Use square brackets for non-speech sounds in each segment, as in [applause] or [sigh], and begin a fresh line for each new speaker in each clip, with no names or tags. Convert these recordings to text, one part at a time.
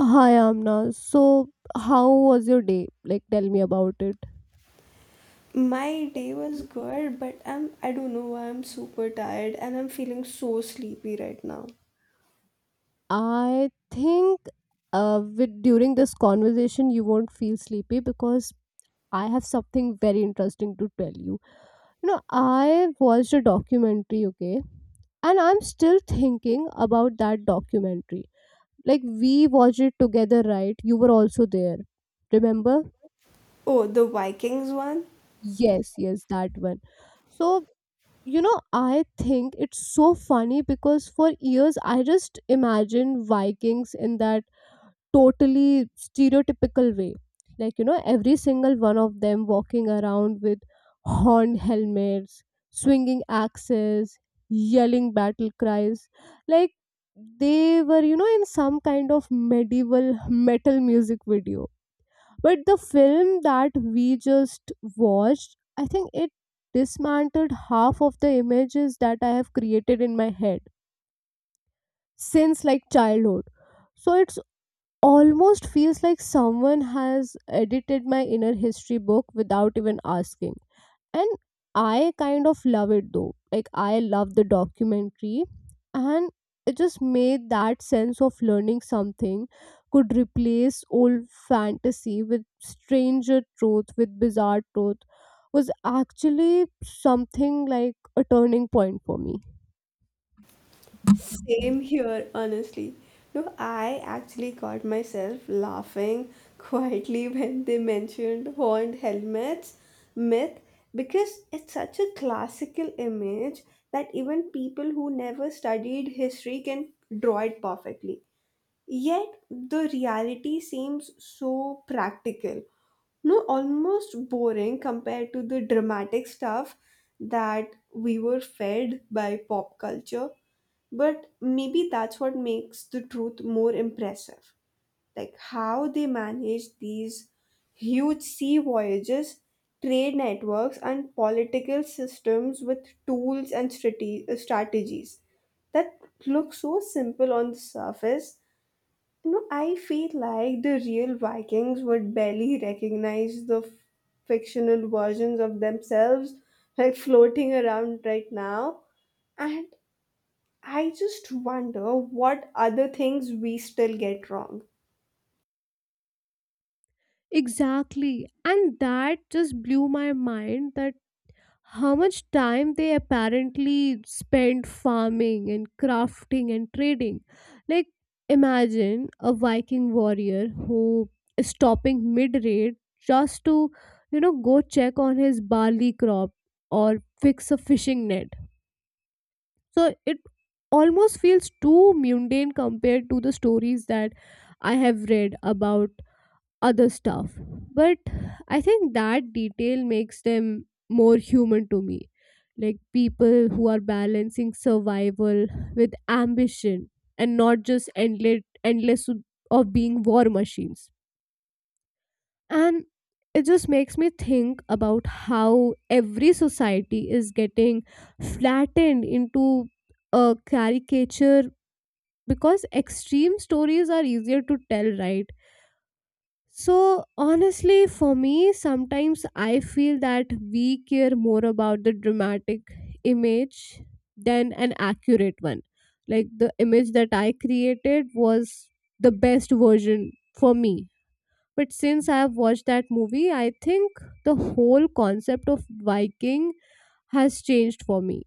Hi, Amna. So, how was your day? Like, tell me about it.
My day was good, but I don't know why I'm super tired and I'm feeling so sleepy right now.
I think with during this conversation, you won't feel sleepy because I have something very interesting to tell you. You know, I watched a documentary, okay, and I'm still thinking about that documentary. Like, we watched it together, right? You were also there. Remember?
Oh, the Vikings one?
Yes, that one. So You know, I think it's so funny because for years I just imagined Vikings in that totally stereotypical way. Like, you know, every single one of them walking around with horned helmets, swinging axes, yelling battle cries. Like, they were, you know, in some kind of medieval metal music video. But the film that we just watched, I think it dismantled half of the images that I have created in my head since like childhood. So it's almost feels like someone has edited my inner history book without even asking, and I kind of love it, though. Like, I love the documentary, and it just made that sense of learning something could replace old fantasy with stranger truth with bizarre truth was actually something like a turning point for me.
Same here, honestly. No, I actually caught myself laughing quietly [laughs] when they mentioned horned helmets myth because it's such a classical image that even people who never studied history can draw it perfectly. Yet the reality seems so practical, no, almost boring compared to the dramatic stuff that we were fed by pop culture, but maybe that's what makes the truth more impressive, like how they manage these huge sea voyages, trade networks and political systems with tools and strategies that look so simple on the surface. No, I feel like the real Vikings would barely recognize the fictional versions of themselves like floating around right now. And I just wonder what other things we still get wrong.
Exactly. And that just blew my mind that how much time they apparently spent farming and crafting and trading. Like, imagine a Viking warrior who is stopping mid raid just to, you know, go check on his barley crop or fix a fishing net. So it almost feels too mundane compared to the stories that I have read about other stuff. But I think that detail makes them more human to me. Like people who are balancing survival with ambition and not just endless of being war machines. And it just makes me think about how every society is getting flattened into a caricature because extreme stories are easier to tell, right? So, honestly, for me, sometimes I feel that we care more about the dramatic image than an accurate one. Like the image that I created was the best version for me. But since I have watched that movie, I think the whole concept of Viking has changed for me.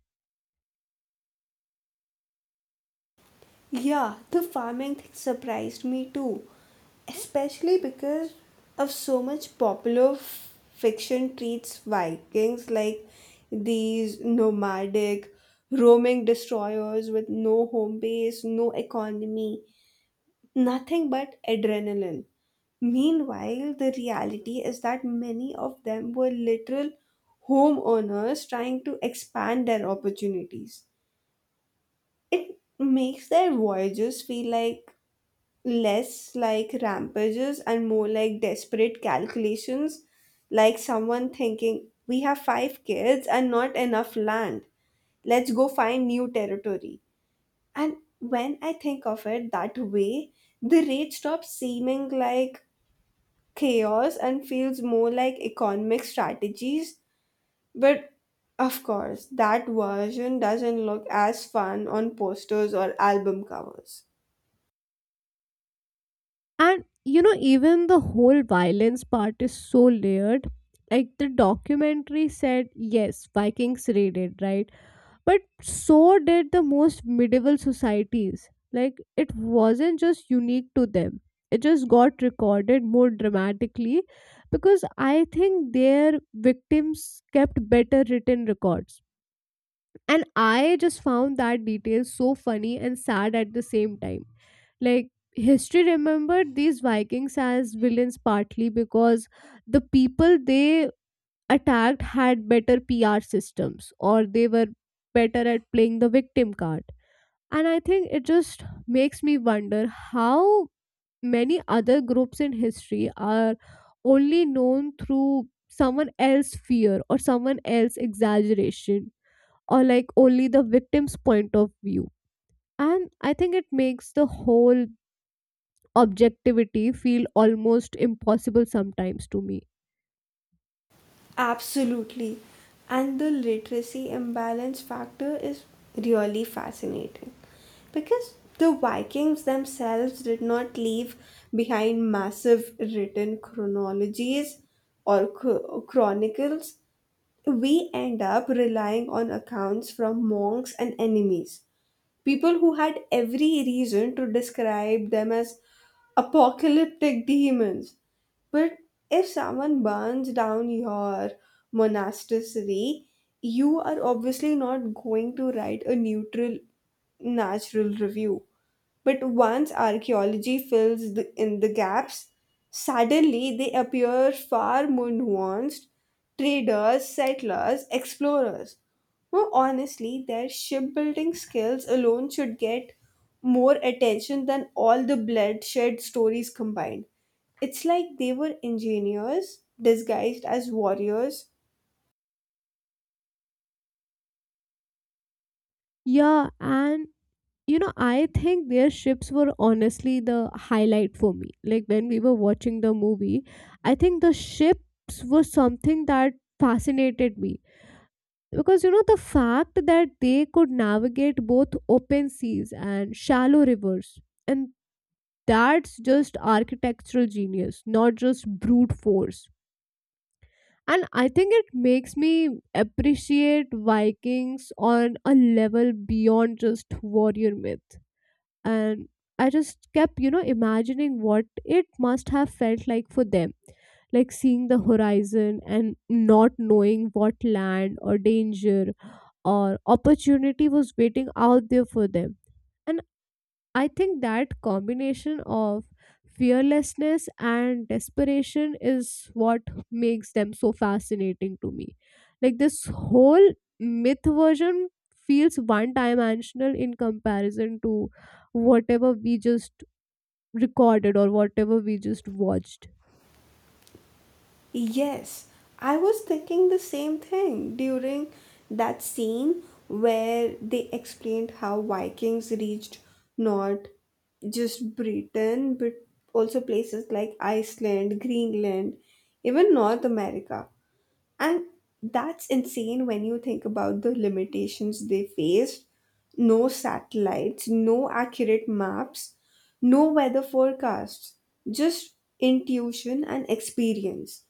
Yeah, the farming thing surprised me too, especially because of so much popular fiction treats Vikings like these nomadic roaming destroyers with no home base, no economy, nothing but adrenaline. Meanwhile, the reality is that many of them were literal homeowners trying to expand their opportunities. It makes their voyages feel like less like rampages and more like desperate calculations, like someone thinking, "We have 5 kids and not enough land. Let's go find new territory." And when I think of it that way, the raid stops seeming like chaos and feels more like economic strategies. But of course, that version doesn't look as fun on posters or album covers.
And you know, even the whole violence part is so layered. Like the documentary said, yes, Vikings raided, right? But so did the most medieval societies. Like, it wasn't just unique to them, it just got recorded more dramatically because I think their victims kept better written records. And I just found that detail so funny and sad at the same time. Like, history remembered these Vikings as villains partly because the people they attacked had better PR systems, or they were better at playing the victim card. And I think it just makes me wonder how many other groups in history are only known through someone else's fear or someone else's exaggeration, or like only the victim's point of view. And I think it makes the whole objectivity feel almost impossible sometimes to me.
Absolutely. And the literacy imbalance factor is really fascinating because the Vikings themselves did not leave behind massive written chronologies or chronicles. We end up relying on accounts from monks and enemies. People who had every reason to describe them as apocalyptic demons. But if someone burns down your monastery, you are obviously not going to write a neutral, natural review. But once archaeology fills in the gaps, suddenly they appear far more nuanced traders, settlers, explorers. No, honestly, their shipbuilding skills alone should get more attention than all the bloodshed stories combined. It's like they were engineers disguised as warriors.
Yeah, and you know, I think their ships were honestly the highlight for me. Like when we were watching the movie, I think the ships were something that fascinated me, because you know the fact that they could navigate both open seas and shallow rivers, and that's just architectural genius, not just brute force. And I think it makes me appreciate Vikings on a level beyond just warrior myth. And I just kept, you know, imagining what it must have felt like for them, like seeing the horizon and not knowing what land or danger or opportunity was waiting out there for them. And I think that combination of fearlessness and desperation is what makes them so fascinating to me. Like this whole myth version feels one dimensional in comparison to whatever we just recorded or whatever we just watched.
Yes, I was thinking the same thing during that scene where they explained how Vikings reached not just Britain, but also places like Iceland, Greenland, even North America. And that's insane when you think about the limitations they faced. No satellites, no accurate maps, no weather forecasts, just intuition and experience.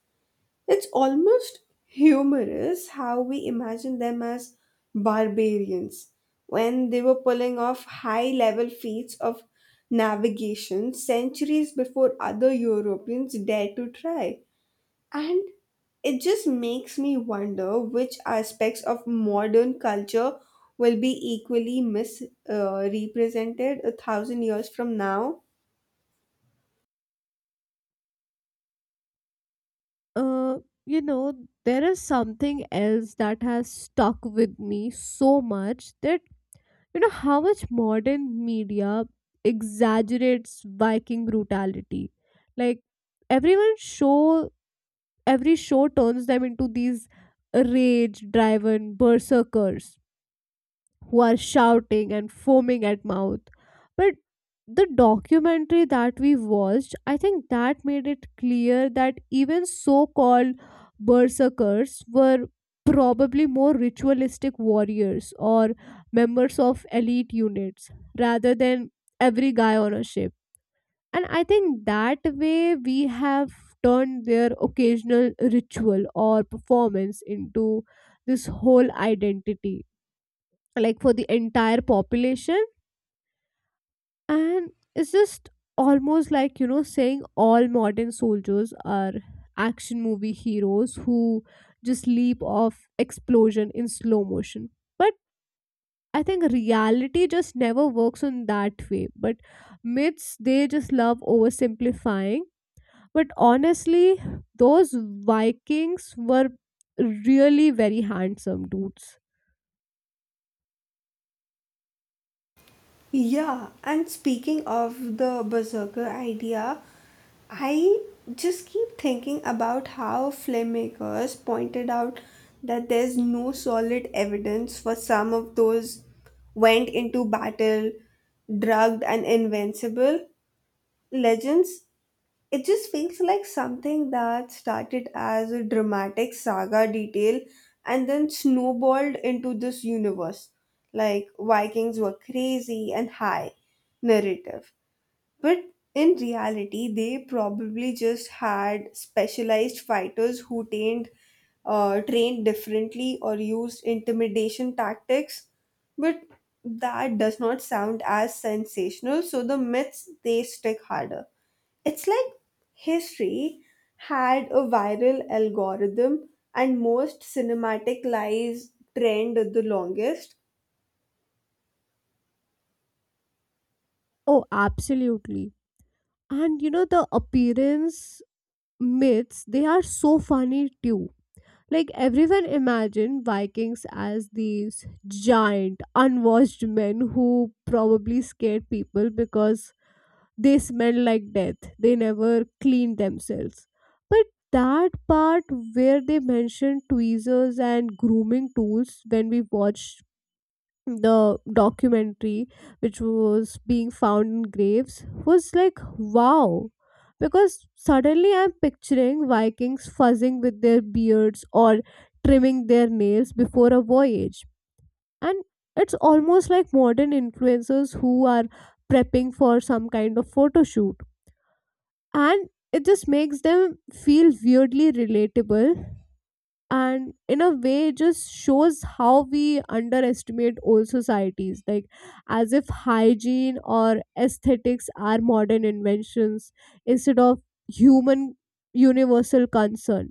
It's almost humorous how we imagine them as barbarians when they were pulling off high level feats of navigation centuries before other Europeans dared to try. And it just makes me wonder which aspects of modern culture will be equally misrepresented 1,000 years from now.
Uh, you know, there is something else that has stuck with me so much that you know how much modern media exaggerates Viking brutality. Like everyone show every show turns them into these rage driven berserkers who are shouting and foaming at mouth. But the documentary that we watched, I think that made it clear that even so called berserkers were probably more ritualistic warriors or members of elite units rather than every guy on a ship. And I think that way we have turned their occasional ritual or performance into this whole identity, like for the entire population. And it's just almost like, you know, saying all modern soldiers are action movie heroes who just leap off explosion in slow motion. But I think reality just never works in that way. But myths, they just love oversimplifying. But honestly, those Vikings were really very handsome dudes.
Yeah, and speaking of the berserker idea, I just keep thinking about how filmmakers pointed out that there's no solid evidence for some of those went into battle drugged and invincible legends. It just feels like something that started as a dramatic saga detail and then snowballed into this universe. Like Vikings were crazy and high narrative. But in reality, they probably just had specialized fighters who tamed trained differently or used intimidation tactics, but that does not sound as sensational, so the myths they stick harder. It's like history had a viral algorithm and most cinematic lives trend the longest.
Oh, absolutely. And you know, the appearance myths, they are so funny too. Like everyone imagined Vikings as these giant unwashed men who probably scared people because they smelled like death, they never cleaned themselves. But that part where they mentioned tweezers and grooming tools when we watched the documentary, which was being found in graves, was like wow, because suddenly I'm picturing Vikings fuzzing with their beards or trimming their nails before a voyage. And it's almost like modern influencers who are prepping for some kind of photo shoot. And it just makes them feel weirdly relatable. And in a way, it just shows how we underestimate old societies, like as if hygiene or aesthetics are modern inventions instead of human universal concern.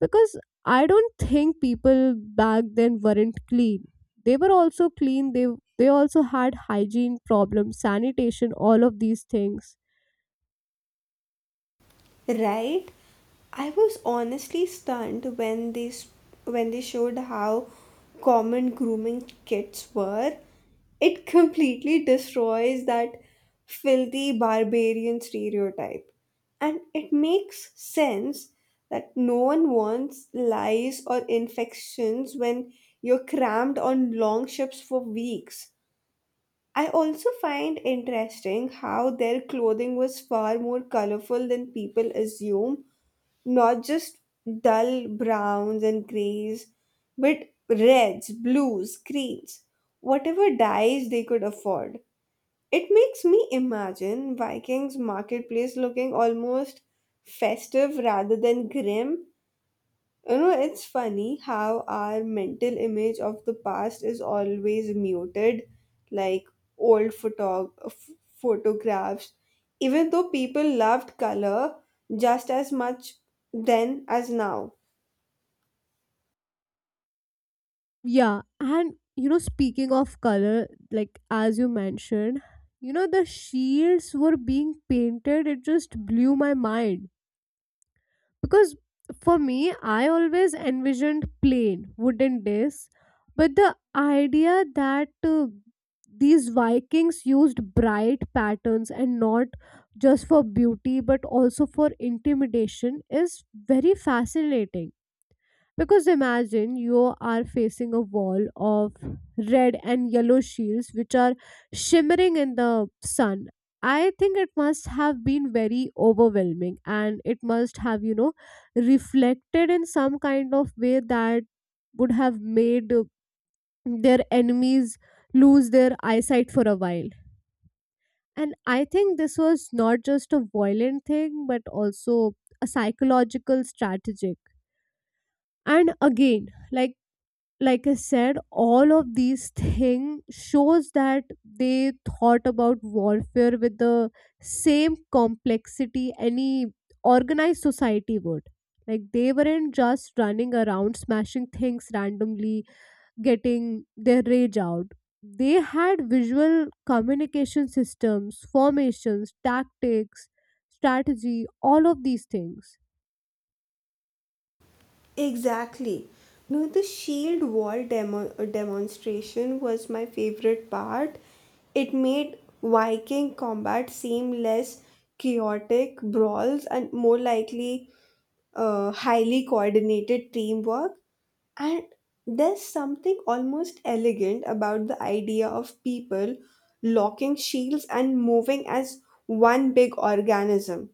Because I don't think people back then weren't clean. They were also clean. They also had hygiene problems, sanitation, all of these things.
Right? I was honestly stunned when when they showed how common grooming kits were. It [laughs] completely destroys that filthy barbarian stereotype. And it makes sense that no one wants lice or infections when you're crammed on long ships for weeks. I also find interesting how their clothing was far more colorful than people assume, not just dull browns and grays, but reds, blues, greens, whatever dyes they could afford. It makes me imagine Vikings marketplace looking almost festive rather than grim. You know, it's funny how our mental image of the past is always muted, like old photographs, even though people loved color just as much then as now.
Yeah, and you know, speaking of color, like as you mentioned, you know, the shields were being painted, it just blew my mind. Because for me, I always envisioned plain wooden discs, but the idea that these Vikings used bright patterns, and not just for beauty but also for intimidation, is very fascinating, because imagine you are facing a wall of red and yellow shields which are shimmering in the sun. I think it must have been very overwhelming, and it must have, you know, reflected in some kind of way that would have made their enemies lose their eyesight for a while. And I think this was not just a violent thing but also a psychological strategic. And again, like like I said, all of these things shows that they thought about warfare with the same complexity any organized society would. Like they weren't just running around smashing things randomly, getting their rage out. They had visual communication systems, formations, tactics, strategy, all of these things.
Exactly. No, the shield wall demonstration was my favorite part. It made Viking combat seem less chaotic brawls and more likely highly coordinated teamwork, and there's something almost elegant about the idea of people locking shields and moving as one big organism.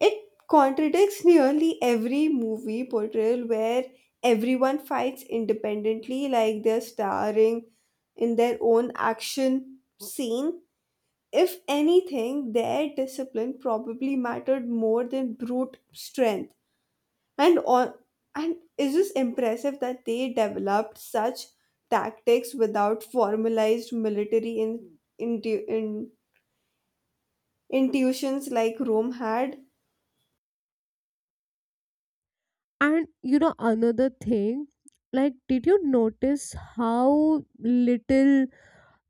It contradicts nearly every movie portrayal where everyone fights independently like they're starring in their own action scene. If anything, their discipline probably mattered more than brute strength. And on, and it's just impressive that they developed such tactics without formalized military intuitions like Rome had.
And you know, another thing, like, did you notice how little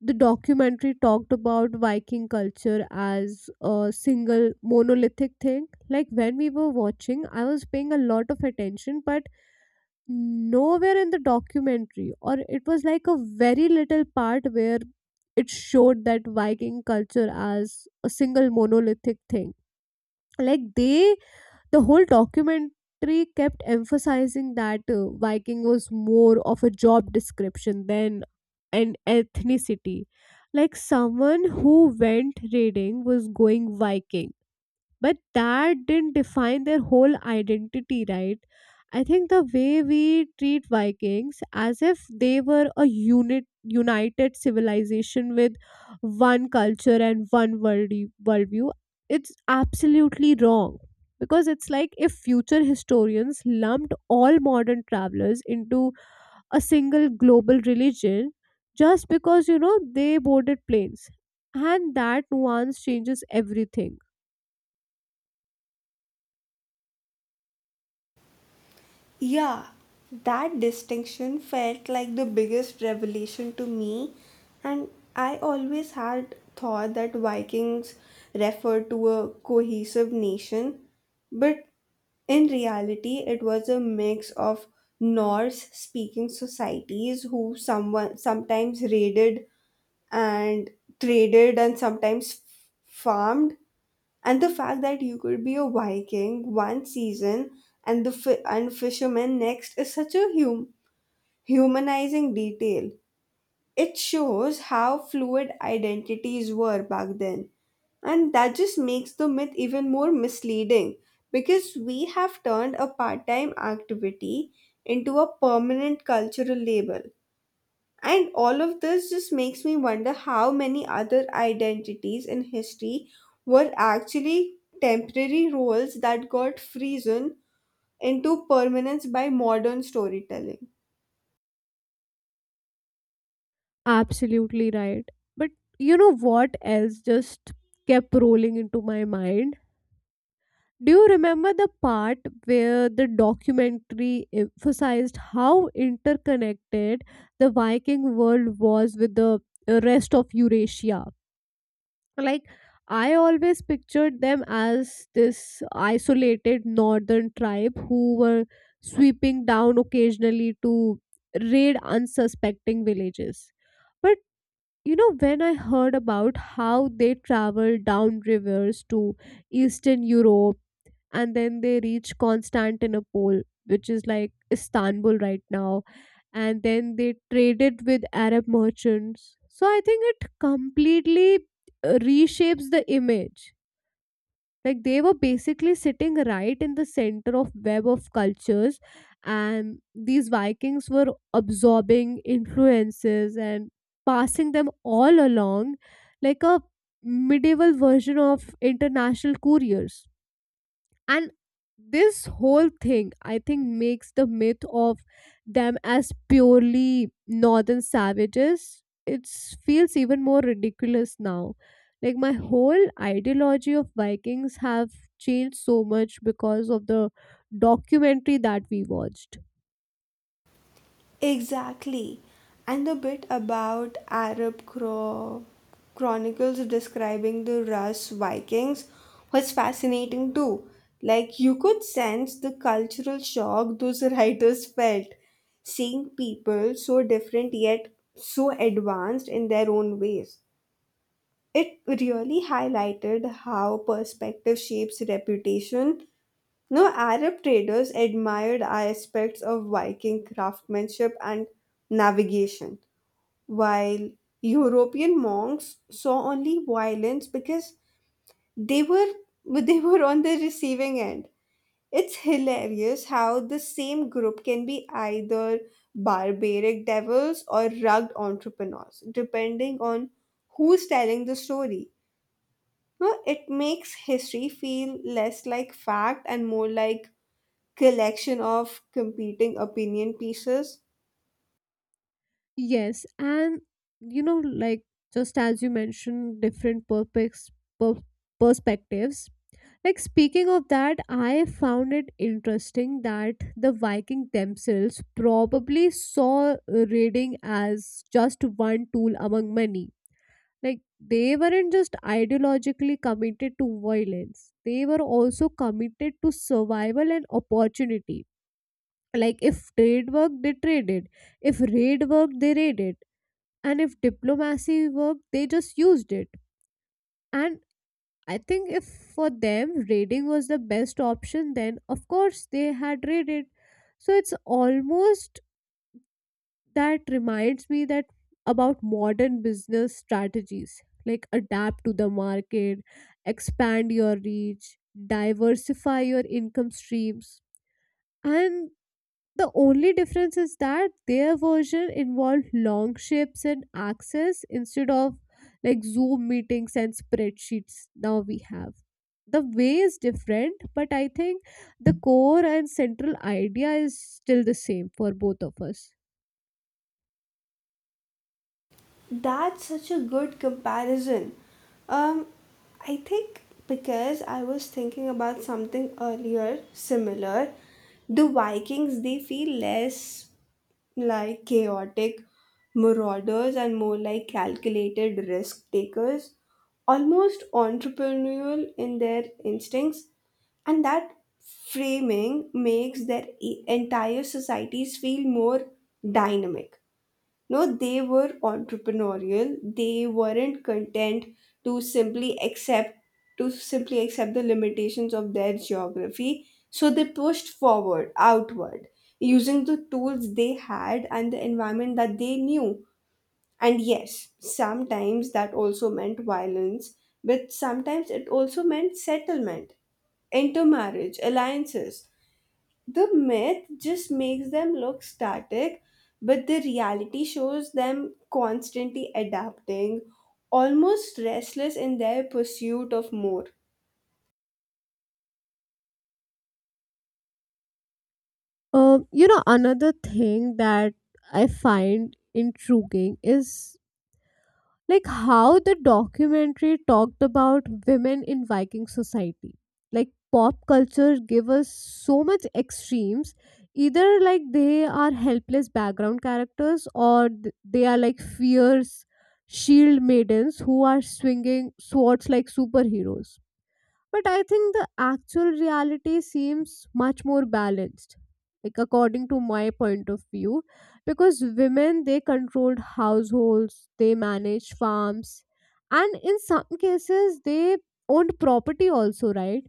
the documentary talked about Viking culture as a single monolithic thing? Like, when we were watching, I was paying a lot of attention, but nowhere in the documentary, or it was like a very little part where it showed that Viking culture as a single monolithic thing. Like, the whole documentary kept emphasizing that Viking was more of a job description than an ethnicity. Like someone who went raiding was going Viking, but that didn't define their whole identity, right? I think the way we treat Vikings as if they were a united civilization with one culture and one world worldview, it's absolutely wrong. Because it's like if future historians lumped all modern travelers into a single global religion just because, you know, they boarded planes. And that nuance changes everything.
Yeah, that distinction felt like the biggest revelation to me, and I always had thought that Vikings referred to a cohesive nation, but in reality, it was a mix of Norse speaking societies who someone sometimes raided and traded and sometimes farmed, and the fact that you could be a Viking one season and the fi- and fisherman next is such a humanizing detail. It shows how fluid identities were back then, and that just makes the myth even more misleading because we have turned a part-time activity into a permanent cultural label. And all of this just makes me wonder how many other identities in history were actually temporary roles that got frozen into permanence by modern storytelling.
Absolutely right. But you know what else just kept rolling into my mind? Do you remember the part where the documentary emphasized how interconnected the Viking world was with the rest of Eurasia? Like, I always pictured them as this isolated northern tribe who were sweeping down occasionally to raid unsuspecting villages. But you know when I heard about how they travel down rivers to eastern Europe, and then they reach Constantinople, which is like Istanbul right now, and then they traded with Arab merchants, so I think it completely, reshapes the image. Like they were basically sitting right in the center of web of cultures, and these Vikings were absorbing influences and passing them all along, like a medieval version of international couriers. And this whole thing, I think, makes the myth of them as purely northern savages, it feels even more ridiculous now. Like my whole ideology of Vikings have changed so much because of the documentary that we watched.
Exactly. And the bit about Arab chronicles describing the Rus Vikings was fascinating too. Like you could sense the cultural shock those [laughs] writers felt, seeing people so different yet so advanced in their own ways. It really highlighted how perspective shapes reputation. No, Arab traders admired aspects of Viking craftsmanship and navigation, while European monks saw only violence because they were [laughs] they were on the receiving end. It's hilarious how the same group can be either barbaric devils or rugged entrepreneurs, depending on who's telling the story. No, it makes history feel less like fact and more like collection of competing opinion pieces.
Yes, and you know, like just as you mentioned, different per- perspectives. Like speaking of that, I found it interesting that the Viking themselves probably saw raiding as just one tool among many. Like they weren't just ideologically committed to violence; they were also committed to survival and opportunity. Like if trade worked, they traded. If raid worked, they raided, and if diplomacy worked they just used it, and I think if for them raiding was the best option then of course they had raided. So it's almost, that reminds me, that about modern business strategies, like adapt to the market, expand your reach, diversify your income streams. And the only difference is that their version involved long shapes and axes instead of like Zoom meetings and spreadsheets now we have. The way is different, but I think the core and central idea is still the same for both of us.
That's such a good comparison. Um, I think because I was thinking about something earlier similar, the Vikings they feel less like chaotic marauders and more like calculated risk takers, almost entrepreneurial in their instincts, and that framing makes their entire societies feel more dynamic. No, they were entrepreneurial. They weren't content to simply accept to simply accept the limitations of their geography. So they pushed forward, outward, using the tools they had and the environment that they knew. And yes, sometimes that also meant violence, but sometimes it also meant settlement intermarriage, alliances. The myth just makes them look static, but the reality shows them constantly adapting, almost restless in their pursuit of more.
Another thing that I find intriguing is like how the documentary talked about women in Viking society. Like pop culture give us so much extremes, either like they are helpless background characters or they are like fierce shield maidens who are swinging swords like superheroes. But I think the actual reality seems much more balanced, like according to my point of view, because women they controlled households, they managed farms, and in some cases they owned property also, right?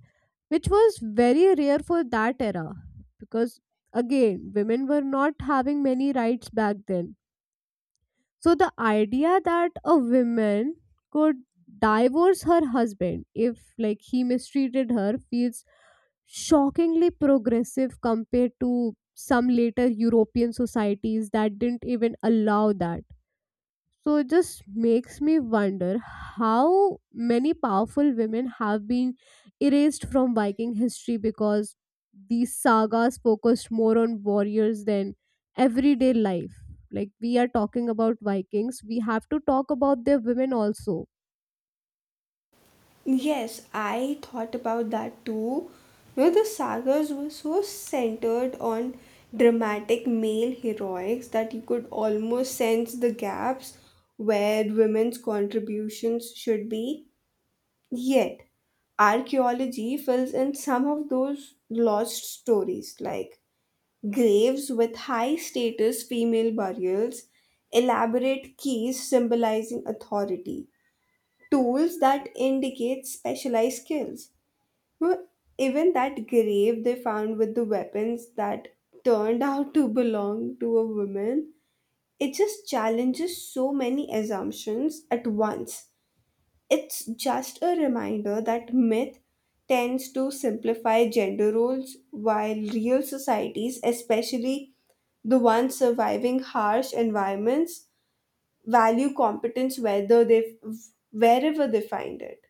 Which was very rare for that era, because again, women were not having many rights back then. So the idea that a woman could divorce her husband if like he mistreated her feels shockingly progressive compared to some later European societies that didn't even allow that. So it just makes me wonder how many powerful women have been erased from Viking history because these sagas focused more on warriors than everyday life. Like we are talking about Vikings, we have to talk about their women also.
Yes, I thought about that too. You know, the sagas were so centered on dramatic male heroics that you could almost sense the gaps where women's contributions should be. Yet, archaeology fills in some of those lost stories, like graves with high status female burials, elaborate keys symbolizing authority, tools that indicate specialized skills. Well, even that grave they found with the weapons that turned out to belong to a woman, it just challenges so many assumptions at once. It's just a reminder that myth tends to simplify gender roles while real societies, especially the ones surviving harsh environments, value competence whether they wherever they find it.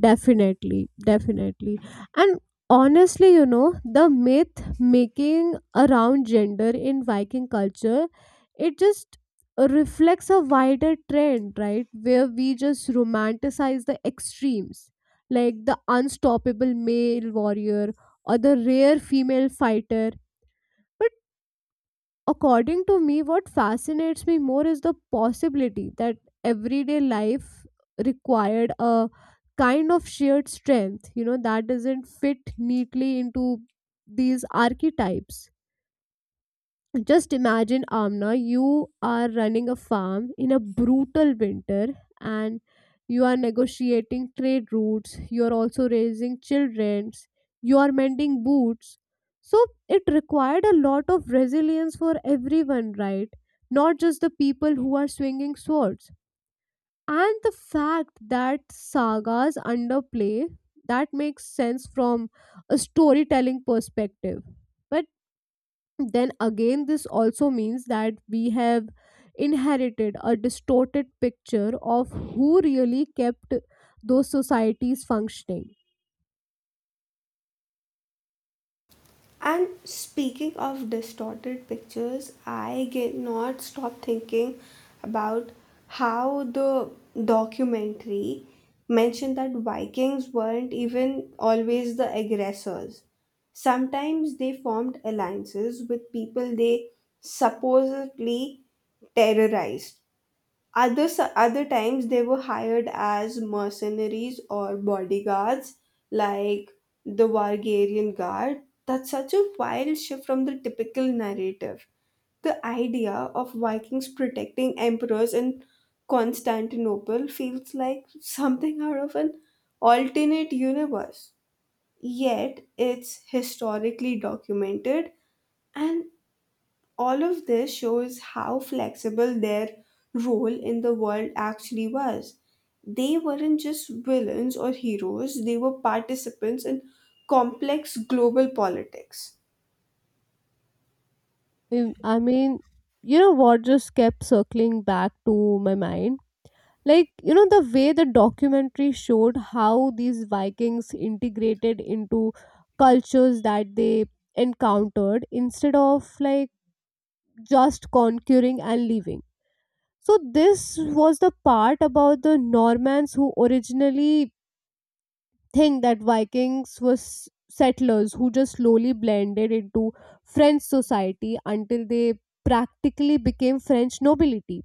Definitely, definitely. And honestly, the myth making around gender in Viking culture, it just reflects a wider trend, right? Where we just romanticize the extremes, like the unstoppable male warrior or the rare female fighter. According to me, what fascinates me more is the possibility that everyday life required a kind of shared strength, that doesn't fit neatly into these archetypes. Just imagine, Amna, you are running a farm in a brutal winter and you are negotiating trade routes, you are also raising children, you are mending boots. So it required a lot of resilience for everyone, right? Not just the people who are swinging swords. And the fact that sagas underplay that makes sense from a storytelling perspective. But then again this also means that we have inherited a distorted picture of who really kept those societies functioning.
And speaking of distorted pictures, I get not stop thinking about how the documentary mentioned that Vikings weren't even always the aggressors. Sometimes they formed alliances with people they supposedly terrorized, other times they were hired as mercenaries or bodyguards, like the Vargarian Guard. That's such a wild shift from the typical narrative. The idea of Vikings protecting emperors in Constantinople feels like something out of an alternate universe. Yet it's historically documented, and all of this shows how flexible their role in the world actually was. They weren't just villains or heroes, they were participants in complex global politics.
Um, I mean, what just kept circling back to my mind? Like, the way the documentary showed how these Vikings integrated into cultures that they encountered instead of like just conquering and leaving. So this was the part about the Normans who originally think that Vikings were settlers who just slowly blended into French society until they practically became French nobility.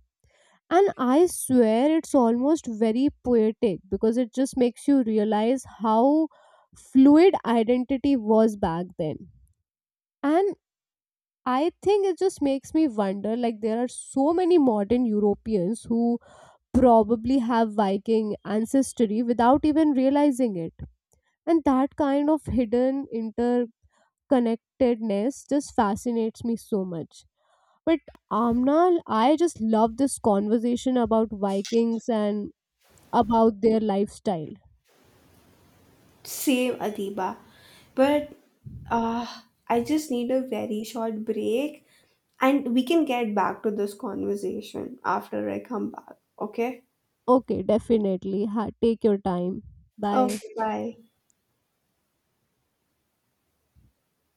And I swear it's almost very poetic because it just makes you realize how fluid identity was back then. And I think it just makes me wonder, like there are so many modern Europeans who probably have Viking ancestry without even realizing it. And that kind of hidden interconnectedness just fascinates me so much. But Amnal, I just love this conversation about Vikings and about their lifestyle.
Same, Adiba. But uh, I just need a very short break and we can get back to this conversation after I come back, okay?
Okay, definitely. Take your time. Bye.
Okay, bye.